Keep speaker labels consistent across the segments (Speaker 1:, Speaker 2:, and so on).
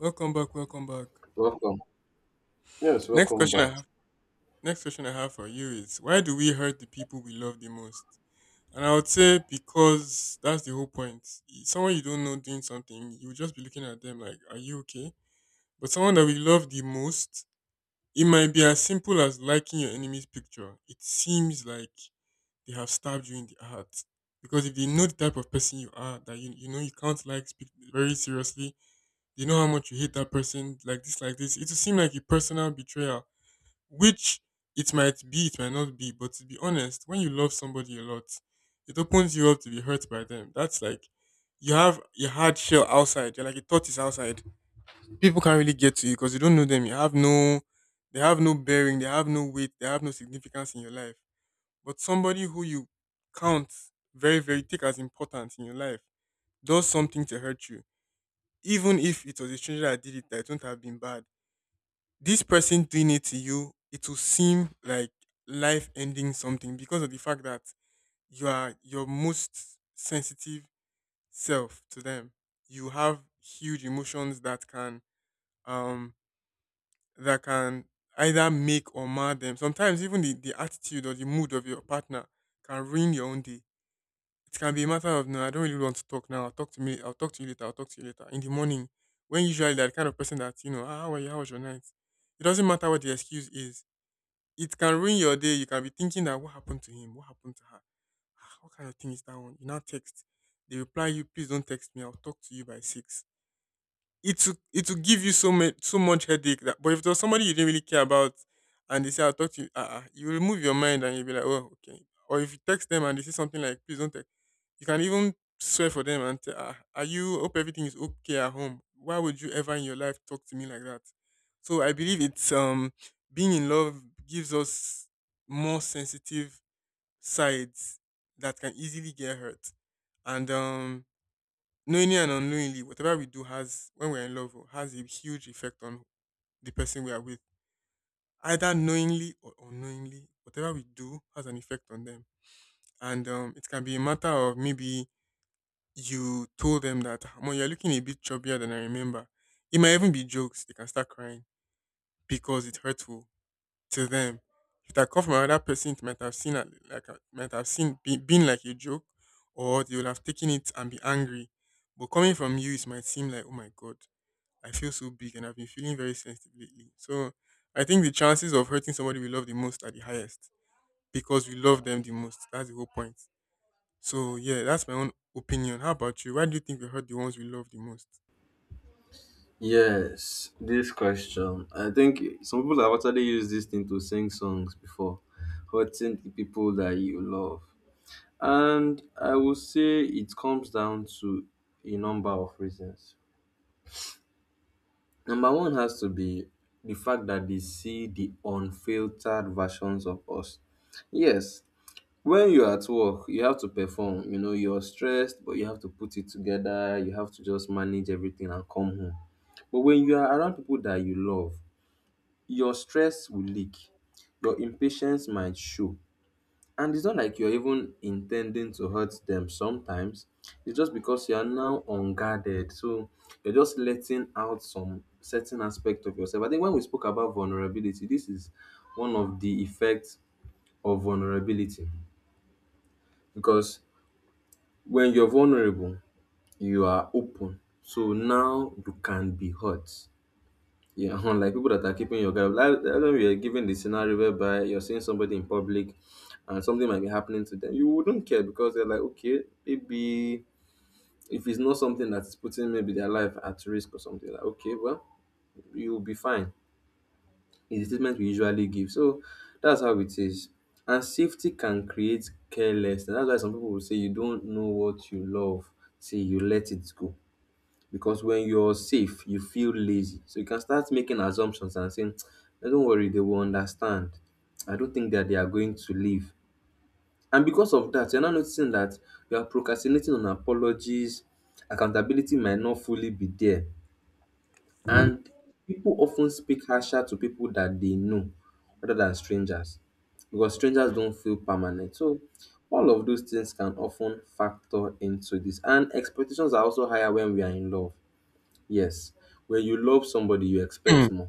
Speaker 1: Welcome back, welcome back.
Speaker 2: Welcome. Yes,
Speaker 1: Next
Speaker 2: welcome
Speaker 1: question I
Speaker 2: back.
Speaker 1: have next question I have for you is why do we hurt the people we love the most? And I would say because that's the whole point. Someone you don't know doing something, you will just be looking at them like, are you okay? But someone that we love the most, it might be as simple as liking your enemy's picture. It seems like they have stabbed you in the heart. Because if they know the type of person you are, that you know you can't like speak very seriously, they know how much you hate that person, like this, it will seem like a personal betrayal which it might be, it might not be. But to be honest, when you love somebody a lot, it opens you up to be hurt by them. That's like you have your hard shell outside. You're like a tortoise outside. People can't really get to you because you don't know them. You have no, They have no bearing. They have no weight. They have no significance in your life. But somebody who you count very, very take as important in your life does something to hurt you, even if it was a stranger that did it. That it wouldn't have been bad this person doing it to you, it will seem like life ending something because of the fact that you are your most sensitive self to them. You have huge emotions that can um that can either make or mar them. Sometimes even the attitude or the mood of your partner can ruin your own day. It can be a matter of no, I don't really want to talk now. I'll talk to me. I'll talk to you later. I'll talk to you later in the morning. When usually that kind of person that you know, ah, how were you? How was your night? It doesn't matter what the excuse is, it can ruin your day. You can be thinking that what happened to him, what happened to her, ah, what kind of thing is that one? You now text, they reply you, please don't text me. I'll talk to you by six. It will give you so much headache. That, but if there's somebody you didn't really care about, and they say I'll talk to you, you remove your mind and you'll be like, oh okay. Or if you text them and they say something like, please don't text. You can even swear for them and say, ah, are you hope everything is okay at home? Why would you ever in your life talk to me like that? So I believe it's being in love gives us more sensitive sides that can easily get hurt. And Knowingly and unknowingly, whatever we do has when we're in love has a huge effect on the person we are with. Either knowingly or unknowingly, whatever we do has an effect on them. And It can be a matter of maybe you told them that, "Ah, Mom, you're looking a bit chubbier than I remember." It might even be jokes, they can start crying because it's hurtful to them. If that come from another person, it might have seen a- like a- might have seen be- been like a joke, or they would have taken it and be angry. But coming from you, it might seem like, oh my god, I feel so big and I've been feeling very sensitive lately. So I think the chances of hurting somebody we love the most are the highest because we love them the most. That's the whole point. So yeah, that's my own opinion. How about you? Why do you think we hurt the ones we love the most?
Speaker 2: Yes, this question. I think some people have actually used this thing to sing songs before, hurting the people that you love. And I will say it comes down to a number of reasons. Number one has to be the fact that they see the unfiltered versions of us. Yes, when you're at work, you have to perform. You're stressed, but you have to put it together. You have to just manage everything and come home. But when you are around people that you love, your stress will leak, your impatience might show. And it's not like you're even intending to hurt them sometimes. It's just because you are now unguarded. So you're just letting out some certain aspect of yourself. I think when we spoke about vulnerability, this is one of the effects of vulnerability because when you're vulnerable, you are open. So now you can be hurt. Yeah. Unlike people that are keeping your guard up. Like when we are given the scenario whereby you're seeing somebody in public and something might be happening to them, you wouldn't care because they're like, okay, maybe if it's not something that's putting maybe their life at risk or something, like, okay, well, you'll be fine. Is the statement we usually give. So that's how it is. And safety can create carelessness. That's why some people will say you don't know what you love, say you let it go because when you're safe, you feel lazy. So you can start making assumptions and saying, "Eh, don't worry, they will understand. I don't think that they are going to leave." And because of that, you're now noticing that you are procrastinating on apologies, accountability might not fully be there. And people often speak harsher to people that they know rather than strangers because strangers don't feel permanent. So all of those things can often factor into this. And expectations are also higher when we are in love. Yes, when you love somebody, you
Speaker 1: Hmm.
Speaker 2: expect more.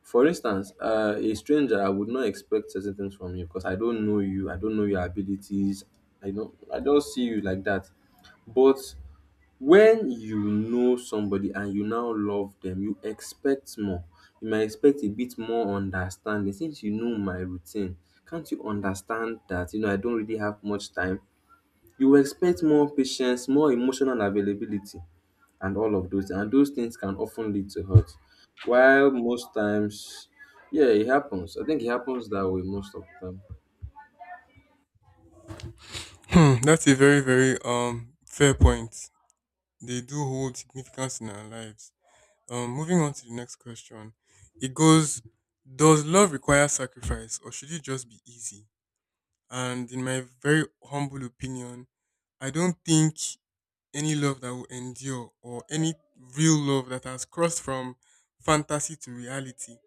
Speaker 2: For instance, a stranger, I would not expect certain things from you because I don't know you. I don't know your abilities. I don't see you like that. But when you know somebody and you now love them, you expect more. You might expect a bit more understanding since you know my routine. Can't you understand that you know I don't really have much time? You expect more patience, more emotional availability, and all of those and those things can often lead to hurt while most times, yeah, it happens. I think it happens that way most of the time.
Speaker 1: Hmm, that's a very, very fair point. They do hold significance in our lives. Moving on to the next question, it goes: does love require sacrifice, or should it just be easy? And in my very humble opinion, I don't think any love that will endure, or any real love that has crossed from fantasy to reality,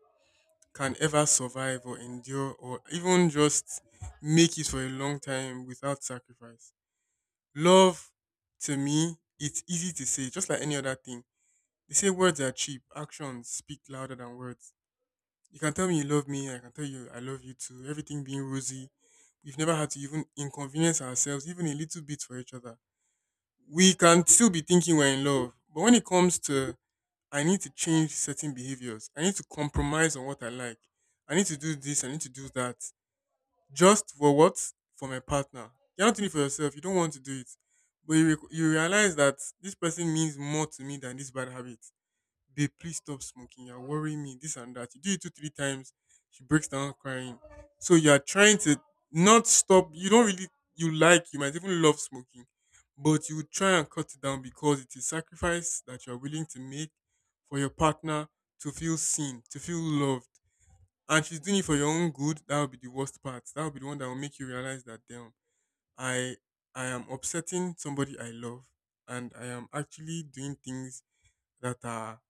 Speaker 1: can ever survive or endure or even just make it for a long time without sacrifice. Love, to me, it's easy to say, just like any other thing. They say words are cheap, actions speak louder than words. You can tell me you love me, I can tell you I love you too, everything being rosy. We've never had to even inconvenience ourselves, even a little bit for each other. We can still be thinking we're in love, but when it comes to I need to change certain behaviors. I need to compromise on what I like. I need to do this. I need to do that. Just for what? For my partner. You're not doing it for yourself. You don't want to do it. But you realize that this person means more to me than this bad habit. Babe, please stop smoking. You're worrying me, this and that. You do it two, three times, she breaks down crying. So you're trying to not stop. You don't really, you like, you might even love smoking, but you would try and cut it down because it is sacrifice that you're willing to make for your partner to feel seen, to feel loved. And she's doing it for your own good. That would be the worst part. That would be the one that will make you realize that, damn, I, I am upsetting somebody I love and I am actually doing things that are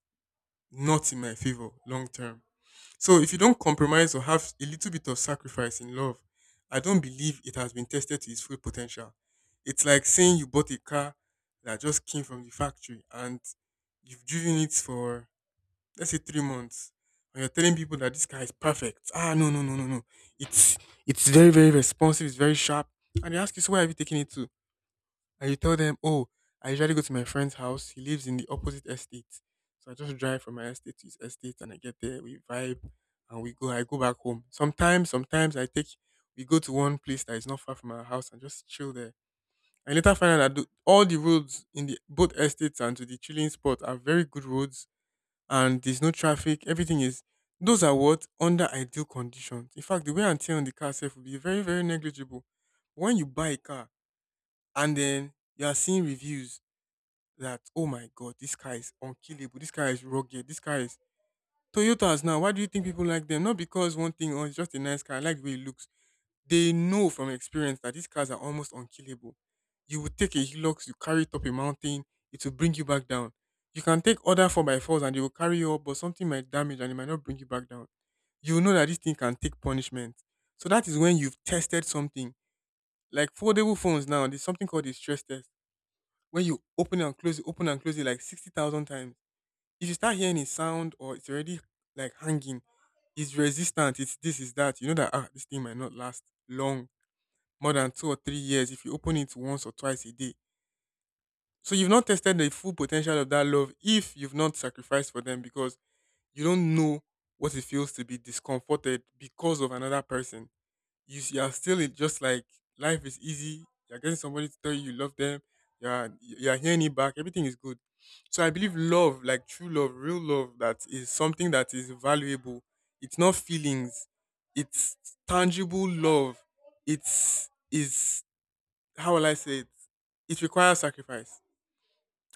Speaker 1: not in my favor long term. So if you don't compromise or have a little bit of sacrifice in love, I don't believe it has been tested to its full potential. It's like saying you bought a car that just came from the factory and you've driven it for let's say 3 months. And you're telling people that this car is perfect. Ah, no no no no no. It's it's very, very responsive, it's very sharp. And they ask you, so where have you taken it to? And you tell them, oh, I usually go to my friend's house. He lives in the opposite estate. So I just drive from my estate to his estate and I get there, we vibe and we go. I go back home. Sometimes we go to one place that is not far from our house and just chill there. I later find out that all the roads in the both estates and to the chilling spot are very good roads and there's no traffic. Everything is, those are what? Under ideal conditions. In fact, the wear and tear on the car itself will be very, very negligible. When you buy a car and then you are seeing reviews that oh my god, this car is unkillable, this car is rugged, this car is Toyotas now. Why do you think people like them? Not because one thing or it's just a nice car, I like the way it looks. They know from experience that these cars are almost unkillable. You would take a Hilux, you carry it up a mountain, it will bring you back down. You can take other 4 by 4s and they will carry you up, but something might damage and it might not bring you back down. You will know that this thing can take punishment. So that is when you've tested something. Like foldable phones now, there's something called a stress test. When you open it and close it, open and close it like 60,000 times, if you start hearing a sound or it's already like hanging, it's resistant, it's this, it's that, you know that ah, this thing might not last long, more than 2 or 3 years if you open it once or twice a day. So you've not tested the full potential of that love if you've not sacrificed for them because you don't know what it feels to be discomforted because of another person. You are still in, just like life is easy. You're getting somebody to tell you you love them. You're hearing it back. Everything is good. So I believe love, like true love, real love, that is something that is valuable. It's not feelings. It's tangible love. It's is how will I say it? It requires sacrifice.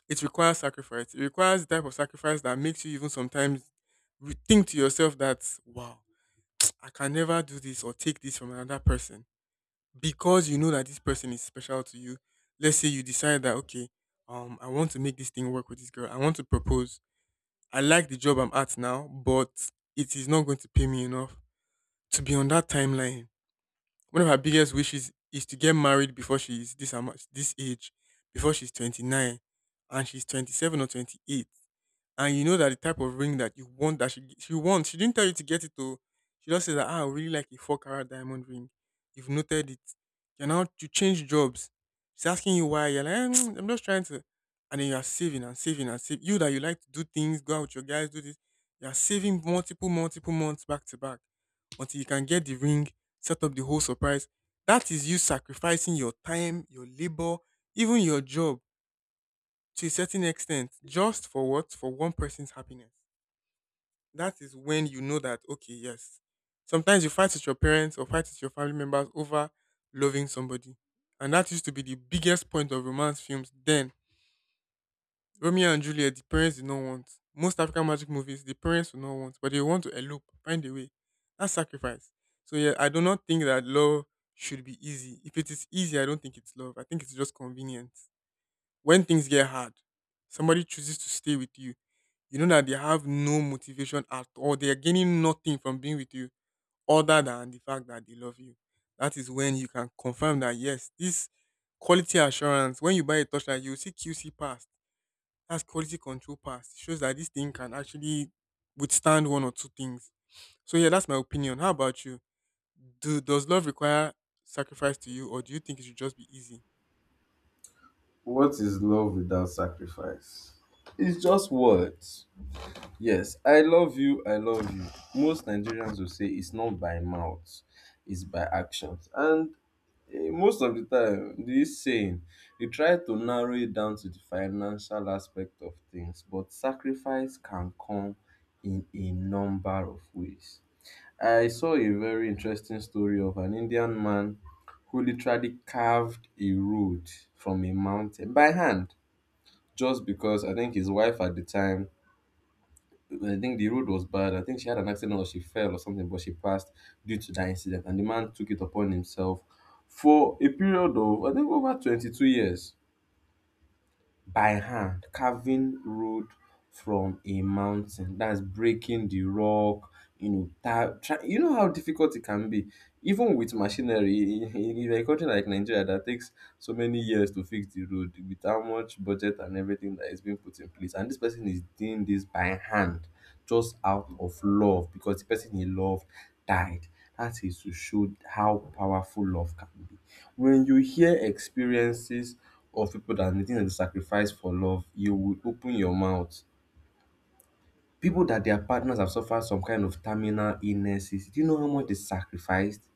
Speaker 1: It requires sacrifice. It requires the type of sacrifice that makes you even sometimes think to yourself that wow, I can never do this or take this from another person because you know that this person is special to you. Let's say you decide that okay, I want to make this thing work with this girl. I want to propose. I like the job I'm at now, but it is not going to pay me enough to be on that timeline. One of her biggest wishes is to get married before she's this age, before she's 29, and she's 27 or 28, and you know that the type of ring that you want that she wants. She didn't tell you to get it though. She just said that I really like a four carat diamond ring. You've noted it. You're now to change jobs. She's asking you why. You're like, "Eh, Mm, I'm just trying to," and then you are saving and saving and saving. You that you like to do things, go out with your guys, do this. You are saving multiple, multiple months back to back until you can get the ring, set up the whole surprise. That is you sacrificing your time, your labor, even your job to a certain extent, just for what? For one person's happiness. That is when you know that okay, yes, sometimes you fight with your parents or fight with your family members over loving somebody, and that used to be the biggest point of romance films. Then Romeo and Juliet, the parents did not want. Most African Magic movies, the parents do not want, but they want to elope, find a way. That's sacrifice. So yeah, I do not think that love should be easy. If it is easy, I don't think it's love. I think it's just convenient. When things get hard, somebody chooses to stay with you. You know that they have no motivation at all. They are gaining nothing from being with you other than the fact that they love you. That is when you can confirm that yes, this, quality assurance, when you buy a torchlight, you will see QC passed. That's quality control passed. It shows that this thing can actually withstand one or two things. So yeah, that's my opinion. How about you? Do does love require sacrifice to you, or do you think it should just be easy?
Speaker 2: What is love without sacrifice? It's just words. Yes, I love you, I love you. Most Nigerians will say it's not by mouth, it's by actions. And most of the time this saying, you try to narrow it down to the financial aspect of things, but sacrifice can come in a number of ways. I saw a very interesting story of an Indian man who literally carved a road from a mountain by hand just because I think his wife at the time, I think the road was bad. I think she had an accident or she fell or something, but she passed due to that incident. And the man took it upon himself for a period of, I think, over 22 years, by hand carving road from a mountain, that's breaking the rock. You know that, try, you know how difficult it can be even with machinery in a country like Nigeria that takes so many years to fix the road with how much budget and everything that is being put in place, and this person is doing this by hand just out of love because the person he loved died. That is to show how powerful love can be. When you hear experiences of people that are making a sacrifice for love, you will open your mouth. People that their partners have suffered some kind of terminal illnesses, do you know how much they sacrificed?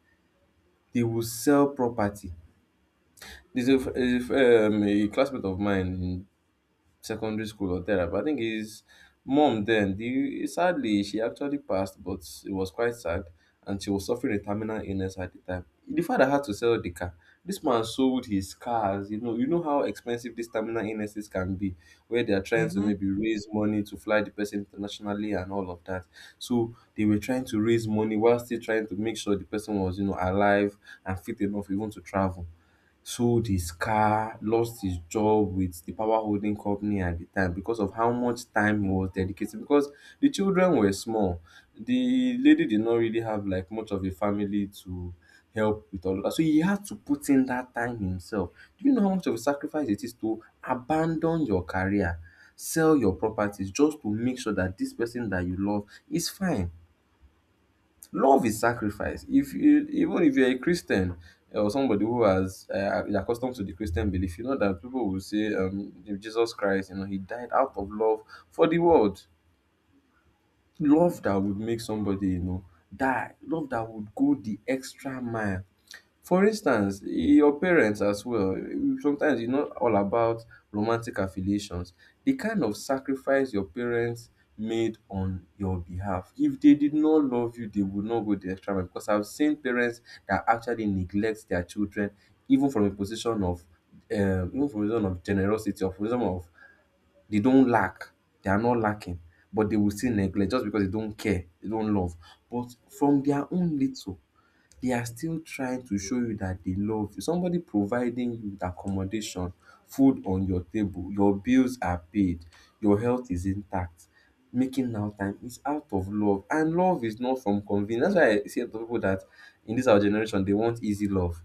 Speaker 2: They will sell property. There's a, a classmate of mine in secondary school or therapy. I think his mom then, the, sadly, she actually passed, but it was quite sad, and she was suffering a terminal illness at the time. The father had to sell the car. This man sold his cars. You know how expensive these terminal illnesses can be, where they are trying to
Speaker 1: Mm-hmm.
Speaker 2: maybe raise money to fly the person internationally and all of that. So they were trying to raise money while still trying to make sure the person was, you know, alive and fit enough even to travel. Sold his car, lost his job with the power holding company at the time because of how much time he was dedicating. Because the children were small, the lady did not really have like much of a family to help with all of that. So he had to put in that time himself. Do you know how much of a sacrifice it is to abandon your career, sell your properties just to make sure that this person that you love is fine? Love is sacrifice. If you, even if you're a Christian, or somebody who has is accustomed to the Christian belief, you know that people will say, Jesus Christ, you know, he died out of love for the world. Love that would make somebody, you know, die. Love that would go the extra mile. For instance, your parents as well, sometimes it's not all about romantic affiliations. The kind of sacrifice your parents made on your behalf, if they did not love you, they would not go the extra mile, because I've seen parents that actually neglect their children even from a position of even from a position of generosity, or from a position of, they don't lack, they are not lacking, but they will still neglect just because they don't care, they don't love. But from
Speaker 1: Hmm.
Speaker 2: their own little, they are still trying to show you that they love you. Somebody providing you with accommodation, food on your table, your bills are paid, your health is intact. Making now time is out of love, and love is not from convenience. That's why I see a lot of people that in this our generation, they want easy love.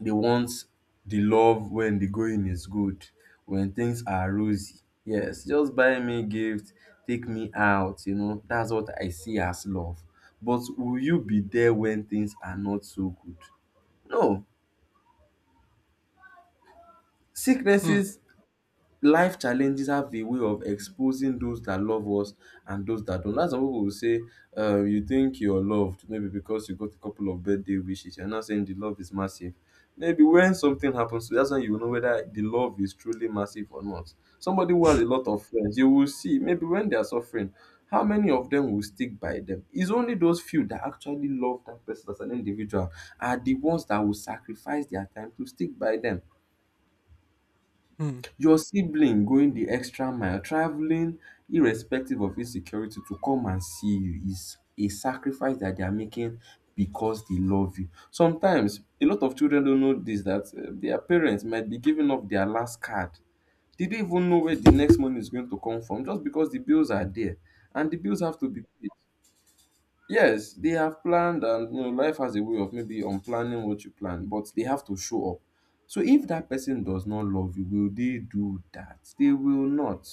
Speaker 2: They want the love when the going is good, when things are rosy. Yes, just buy me gift, take me out, you know, that's what I see as love. But will you be there when things are not so good? No.
Speaker 1: Hmm.
Speaker 2: Sicknesses, life challenges have a way of exposing those that love us and those that don't. That's why people will say, you think you're loved, maybe because you got a couple of birthday wishes. You're not saying the love is massive. Maybe when something happens, that's when you will know whether the love is truly massive or not. Somebody who has a lot of friends, you will see maybe when they are suffering, how many of them will stick by them? It's only those few that actually love that person as an individual are the ones that will sacrifice their time to stick by them.
Speaker 1: Hmm.
Speaker 2: Your sibling going the extra mile, traveling irrespective of insecurity to come and see you, is a sacrifice that they are making because they love you. Sometimes, a lot of children don't know this, that their parents might be giving up their last card. Did They don't even know where the next money is going to come from just because the bills are there and the bills have to be paid. Yes, they have planned, and you know, life has a way of maybe unplanning what you plan, but they have to show up. So if that person does not love you, will they do that? They will not.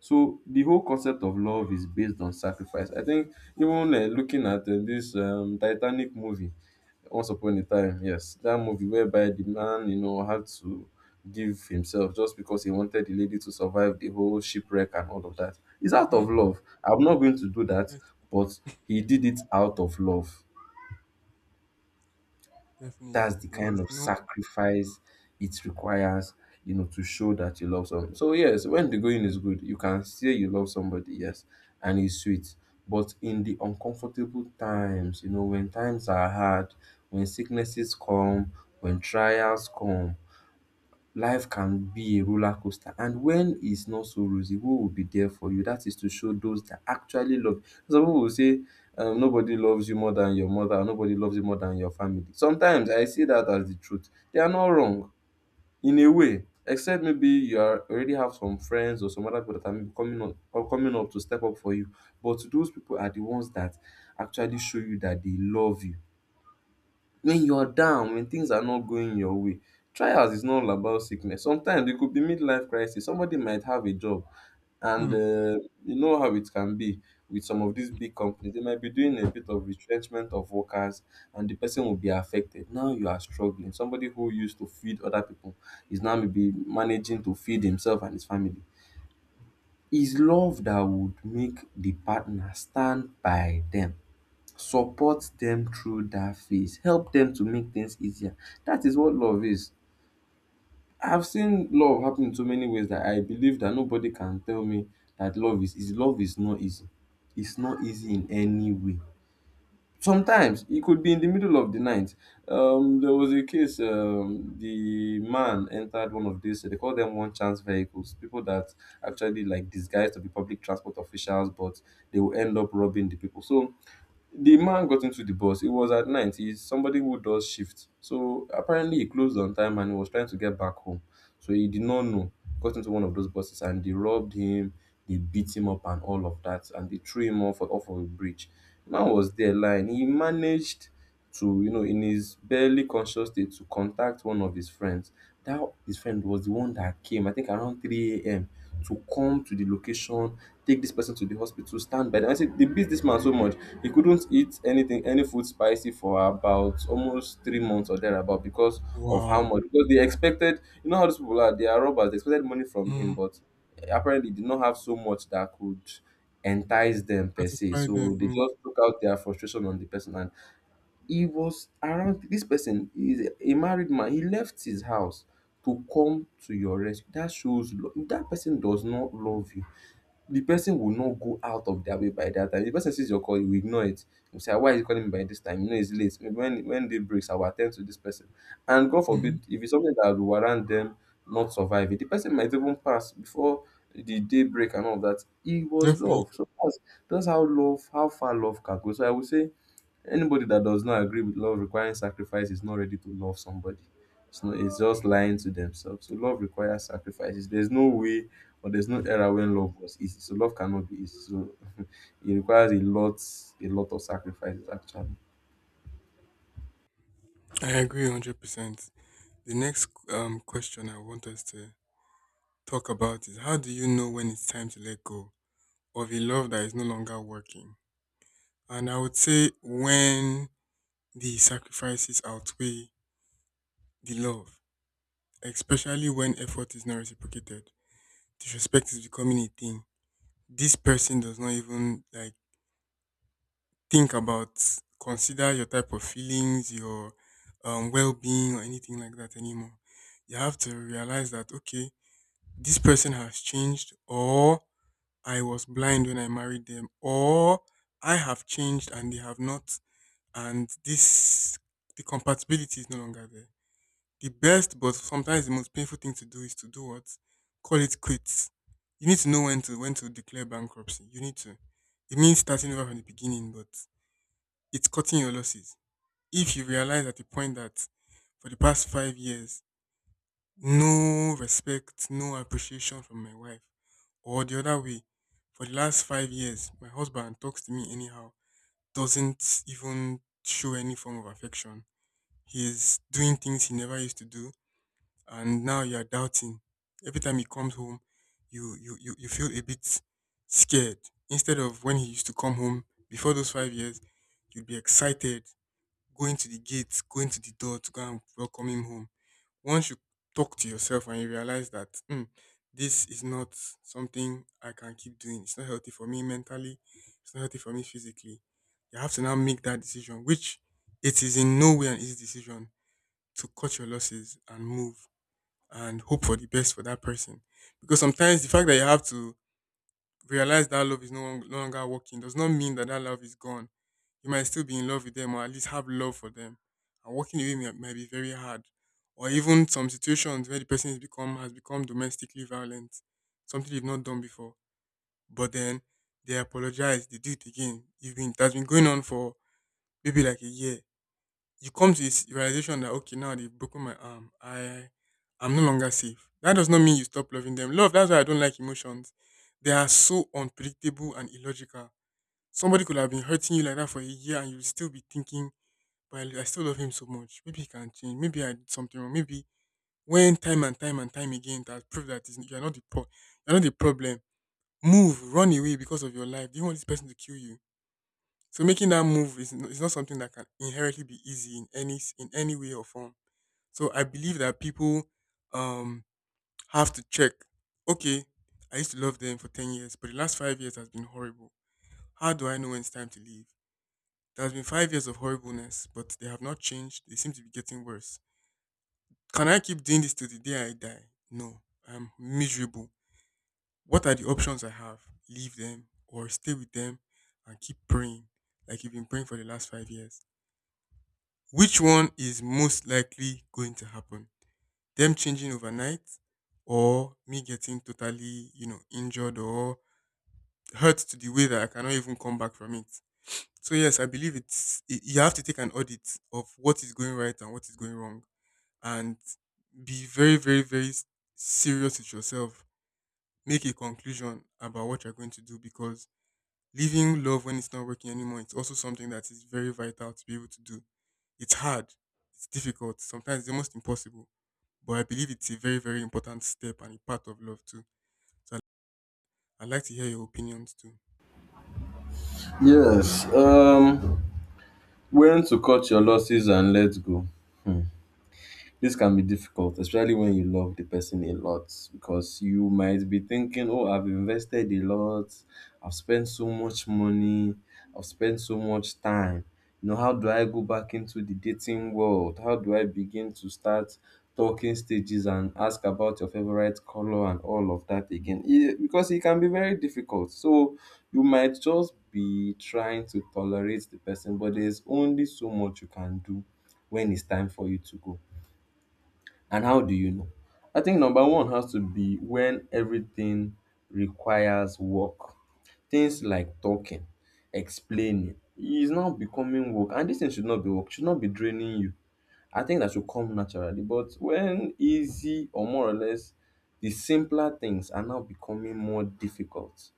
Speaker 2: So the whole concept of love is based on sacrifice. I think even, looking at this Titanic movie, Once Upon a Time, yes. That movie whereby the man, you know, had to give himself just because he wanted the lady to survive the whole shipwreck and all of that. It's out
Speaker 1: Mm-hmm.
Speaker 2: of love. I'm not going to do that,
Speaker 1: Yes.
Speaker 2: but he did it out of love. That's
Speaker 1: Definitely.
Speaker 2: the
Speaker 1: There
Speaker 2: kind
Speaker 1: was
Speaker 2: of
Speaker 1: no.
Speaker 2: sacrifice it requires, you know, to show that you love someone. So yes, when the going is good, you can say you love somebody, yes, and it's sweet. But in the uncomfortable times, you know, when times are hard, when sicknesses come, when trials come, life can be a roller coaster. And when it's not so rosy, who will be there for you? That is to show those that actually love. Some people will say, nobody loves you more than your mother, or nobody loves you more than your family. Sometimes I see that as the truth. They are not wrong in a way, except maybe you are already have some friends or some other people that are maybe coming up to step up for you. But those people are the ones that actually show you that they love you when you are down, when things are not going your way. Trials is not all about sickness. Sometimes it could be midlife crisis. Somebody might have a job, and
Speaker 1: Hmm.
Speaker 2: you know how it can be with some of these big companies. They might be doing a bit of retrenchment of workers, and the person will be affected. Now you are struggling. Somebody who used to feed other people is now maybe managing to feed himself and his family. Is love that would make the partner stand by them, support them through that phase, help them to make things easier. That is what love is. I've seen love happen in so many ways that I believe that nobody can tell me that love is love is not easy. It's not easy in any way. Sometimes it could be in the middle of the night. There was a case. The man entered one of these, they call them one chance vehicles, people that actually like disguise to be public transport officials, but they will end up robbing the people. So the man got into the bus. It was at night. He's somebody who does shift. So apparently he closed on time and he was trying to get back home. So he did not know. Got into one of those buses and they robbed him, they beat him up and all of that. And they threw him off of a bridge. Man was there lying. He managed to, in his barely conscious state to contact one of his friends. That his friend was the one that came, I think around 3 a.m. to come to the location, take this person to the hospital, stand by them. I said they beat this man so much he couldn't eat anything, any food spicy for about almost 3 months or thereabout because of how
Speaker 1: Wow.
Speaker 2: much. Because they expected, you know how these people are, they are robbers. They expected money from him,
Speaker 1: Mm,
Speaker 2: but apparently did not have so much that could entice them per se.
Speaker 1: satisfy them.
Speaker 2: So they
Speaker 1: Mm,
Speaker 2: just took out their frustration on the person, and he was around. This person is a married man. He left his house to come to your rescue. That shows lo- that person does not love you, the person will not go out of their way by that time. If the person sees your call, he will ignore it. He will say, "Ah, why is he calling me by this time? You know, it's late. Maybe when day breaks, I will attend to this person." And God
Speaker 1: mhm.
Speaker 2: forbid, if it's something that will warrant them not surviving, the person might even pass before the day break and all of that. It was love.
Speaker 1: Definitely.
Speaker 2: So that's how love, how far love can go. So I would say anybody that does not agree with love requiring sacrifice is not ready to love somebody. It's not, it's just lying to themselves. So love requires sacrifices. There's no way but there's no era when love was easy. So love cannot be easy. So it requires a lot of sacrifices actually.
Speaker 1: I agree 100%. The next question I want us to talk about is how do you know when it's time to let go of a love that is no longer working? And I would say when the sacrifices outweigh the love, especially when effort is not reciprocated, disrespect is becoming a thing. This person does not even like think about, consider your type of feelings, your well being, or anything like that anymore. You have to realize that, okay, this person has changed, or I was blind when I married them, or I have changed and they have not, and this, the compatibility is no longer there. The best, but sometimes the most painful thing to do is to do what? Call it quits. You need to know when to declare bankruptcy. You need to. It means starting over from the beginning, but it's cutting your losses. If you realize at the point that for the past 5 years, no respect, no appreciation from my wife, or the other way, for the last 5 years, my husband talks to me anyhow, doesn't even show any form of affection. He's doing things he never used to do, and now you're doubting. Every time he comes home, you feel a bit scared. Instead of when he used to come home before those 5 years, you'd be excited going to the gate, going to the door to go and welcome him home. Once you talk to yourself and you realize that, "Hmm, this is not something I can keep doing, it's not healthy for me mentally, it's not healthy for me physically," you have to now make that decision, which it is in no way an easy decision to cut your losses and move and hope for the best for that person. Because sometimes the fact that you have to realize that love is no longer working does not mean that that love is gone. You might still be in love with them, or at least have love for them. And walking away might be very hard. Or even some situations where the person has become domestically violent, something they've not done before. But then they apologize, they do it again. It has been going on for maybe like a year. You come to this realization that okay, now they've broken my arm. I'm no longer safe. That does not mean you stop loving them. Love, that's why I don't like emotions. They are so unpredictable and illogical. Somebody could have been hurting you like that for a year, and you'll still be thinking, but I still love him so much. Maybe he can change. Maybe I did something wrong. Maybe when time again it has proved that you're not the you're not the problem. Move, run away because of your life. Do you want this person to kill you? So making that move is not something that can inherently be easy in in any way or form. So I believe that people um have to check. Okay, I used to love them for 10 years, but the last 5 years has been horrible. How do I know when it's time to leave? There has been 5 years of horribleness, but they have not changed. They seem to be getting worse. Can I keep doing this till the day I die? No, I'm miserable. What are the options I have? Leave them, or stay with them and keep praying, like you've been praying for the last 5 years. Which one is most likely going to happen? Them changing overnight, or me getting totally, you know, injured or hurt to the way that I cannot even come back from it. So yes, I believe you have to take an audit of what is going right and what is going wrong, and be very, very, serious with yourself. Make a conclusion about what you're going to do, because leaving love when it's not working anymore, it's also something that is very vital to be able to do. It's hard, it's difficult, sometimes it's almost impossible. But I believe it's a very, very important step and a part of love too. So I'd like to hear your opinions too.
Speaker 2: Yes. When to cut your losses and let go. Hmm. This can be difficult, especially when you love the person a lot, because you might be thinking, "Oh, I've invested a lot, I've spent so much money, I've spent so much time. You know, how do I go back into the dating world? How do I begin to start talking stages and ask about your favorite color and all of that again?" It, because it can be very difficult. So you might just be trying to tolerate the person, but there's only so much you can do when it's time for you to go. And how do you know? I think number one has to be when everything requires work. Things like talking, explaining, is now becoming work. And this thing should not be work, should not be draining you. I think that should come naturally. But when easy or more or less the simpler things are now becoming more difficult,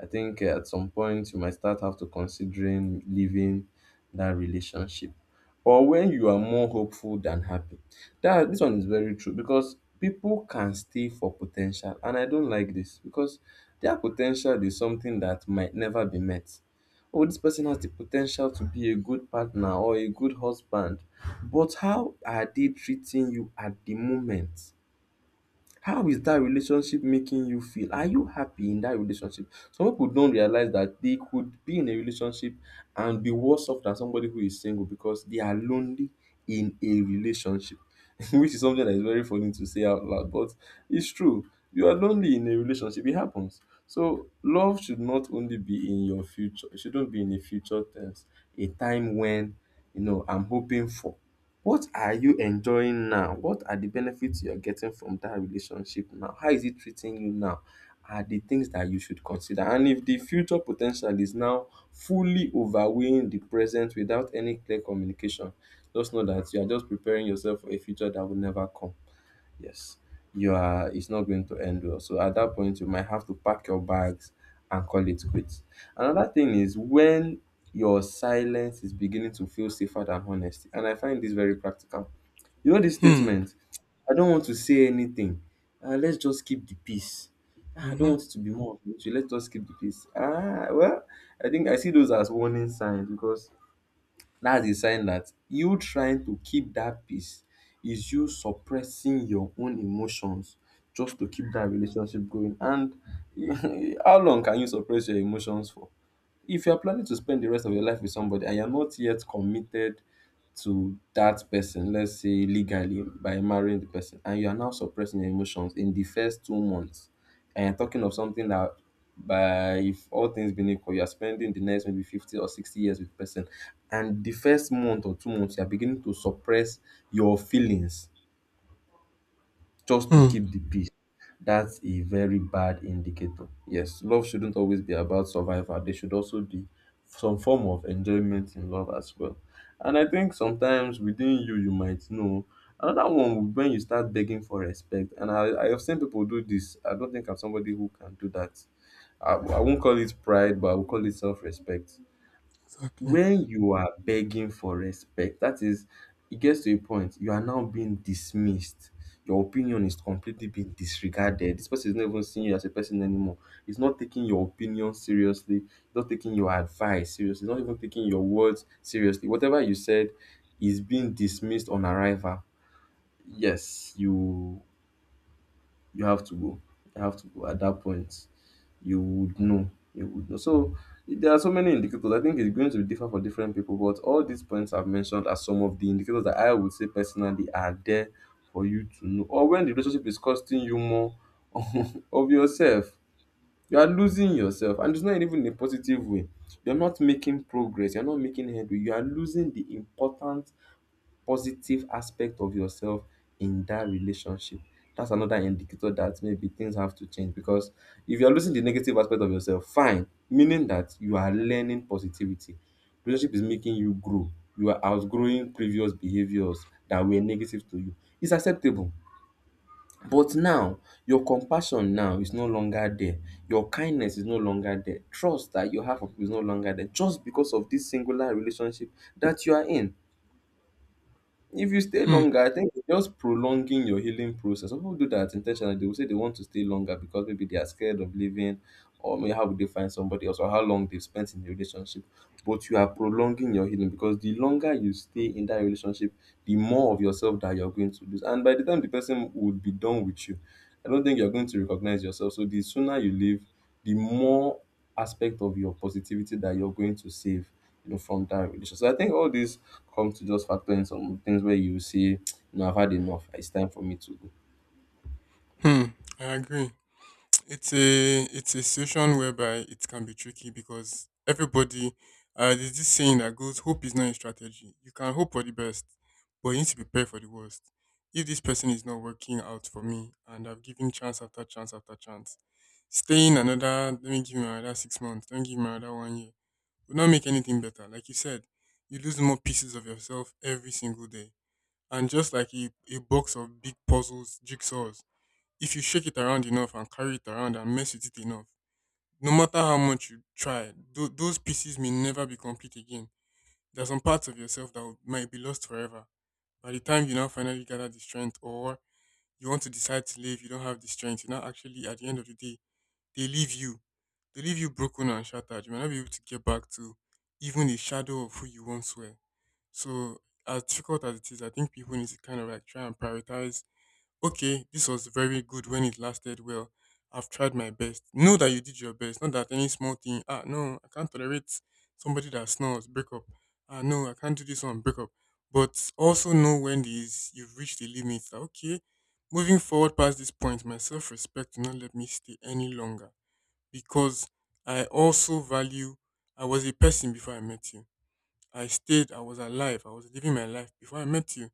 Speaker 2: I think at some point you might start have to considering leaving that relationship. Or when you are more hopeful than happy. That this one is very true because people can stay for potential, and I don't like this because their potential is something that might never be met. Oh, this person has the potential to be a good partner or a good husband, but how are they treating you at the moment? How is that relationship making you feel? Are you happy in that relationship? Some people don't realize that they could be in a relationship and be worse off than somebody who is single because they are lonely in a relationship, which is something that is very funny to say out loud, but it's true. You are lonely in a relationship. It happens. So love should not only be in your future. It shouldn't be in a future tense, a time when, you know, I'm hoping for. What are you enjoying now? What are the benefits you are getting from that relationship now? How is it treating you now? Are the things that you should consider. And if the future potential is now fully overweighing the present without any clear communication, just know that you are just preparing yourself for a future that will never come. Yes, you are, it's not going to end well. So at that point you might have to pack your bags and call it quits. Another thing is when your silence is beginning to feel safer than honesty, and I find this very practical. You know this
Speaker 1: Hmm.
Speaker 2: statement, "I don't want to say anything, let's just keep the peace. Ah, I don't
Speaker 1: Mm-hmm.
Speaker 2: want it to be more of an issue. Let's just keep the peace. Ah well." I think I see those as warning signs because that's a sign that you trying to keep that peace is you suppressing your own emotions just to keep that relationship going. And how long can you suppress your emotions for? If you are planning to spend the rest of your life with somebody and you're not yet committed to that person, let's say legally by marrying the person, and you are now suppressing your emotions in the first 2 months, and you're talking of something that, by if all things being equal, you're spending the next maybe 50 or 60 years with the person, and the first month or 2 months you're beginning to suppress your feelings just to
Speaker 1: Hmm.
Speaker 2: keep the peace. That's a very bad indicator. Yes, love shouldn't always be about survival. There should also be some form of enjoyment in love as well. And I think sometimes within you, you might know. Another one would when you start begging for respect. And I have seen people do this. I don't think I'm somebody who can do that. I won't call it pride, but I will call it self respect.
Speaker 1: Exactly.
Speaker 2: When you are begging for respect, that is, it gets to a point you are now being dismissed. Your opinion is completely being disregarded. This person is not even seeing you as a person anymore. He's not taking your opinion seriously, he's not taking your advice seriously, he's not even taking your words seriously. Whatever you said is being dismissed on arrival. Yes, you have to go. You have to go at that point. You would know. You would know. So there are so many indicators. I think it's going to be different for different people, but all these points I've mentioned are some of the indicators that I would say personally are there for you to know. Or when the relationship is costing you more of yourself, you are losing yourself, and it's not even in a positive way. You're not making progress, you're not making headway, you are losing the important positive aspect of yourself in that relationship. That's another indicator that maybe things have to change because if you're losing the negative aspect of yourself, fine, meaning that you are learning positivity. Relationship is making you grow. You are outgrowing previous behaviors that were negative to you. It's acceptable. But now, your compassion now is no longer there. Your kindness is no longer there. Trust that you have for people is no longer there just because of this singular relationship that you are in. If you stay
Speaker 1: Hmm.
Speaker 2: longer, I think it's just prolonging your healing process. Some people do that intentionally. They will say they want to stay longer because maybe they are scared of leaving, or maybe how would they find somebody else, or how long they've spent in the relationship. But you are prolonging your healing because the longer you stay in that relationship, the more of yourself that you're going to lose. And by the time the person would be done with you, I don't think you're going to recognize yourself. So the sooner you leave, the more aspect of your positivity that you're going to save, from that relationship. So I think all these come to just factor in some things where you say, I've had enough. It's time for me to go.
Speaker 1: Hmm. I agree. It's a situation whereby it can be tricky because everybody, there's this saying that goes hope is not a strategy. You can hope for the best, but you need to prepare for the worst. If this person is not working out for me and I've given chance after chance after chance, staying another, let me give him another 6 months, let me give him another one year, will not make anything better. Like you said, you lose more pieces of yourself every single day. And just like a box of big puzzles, jigsaws, if you shake it around enough and carry it around and mess with it enough, no matter how much you try, those pieces may never be complete again. There are some parts of yourself might be lost forever. By the time you now finally gather the strength, or you want to decide to leave, you don't have the strength. You now actually, at the end of the day, they leave you. They leave you broken and shattered. You might not be able to get back to even a shadow of who you once were. So, as difficult as it is, I think people need to kind of like try and prioritize okay, this was very good when it lasted well. I've tried my best. Know that you did your best. Not that any small thing, ah, no, I can't tolerate somebody that snores, break up. Ah, no, I can't do this one, break up. But also know when these you've reached the limit. That, okay, moving forward past this point, my self respect will not let me stay any longer because I also value, I was a person before I met you. I stayed, I was alive, I was living my life before I met you.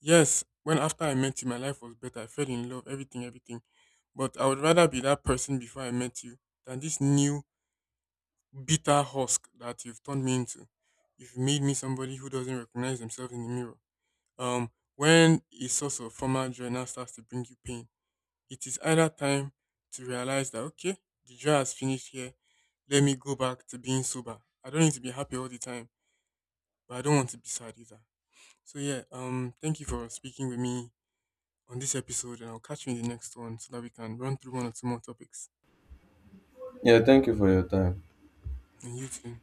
Speaker 1: Yes, when after I met you, my life was better. I fell in love, everything, everything. But I would rather be that person before I met you than this new bitter husk that you've turned me into. You've made me somebody who doesn't recognize themselves in the mirror. When a source of former joy now starts to bring you pain, it is either time to realize that okay, the joy has finished here. Let me go back to being sober. I don't need to be happy all the time, but I don't want to be sad either. So yeah, thank you for speaking with me on this episode, and I'll catch you in the next one so that we can run through one or two more topics.
Speaker 2: Yeah, thank you for your time.
Speaker 1: And you too.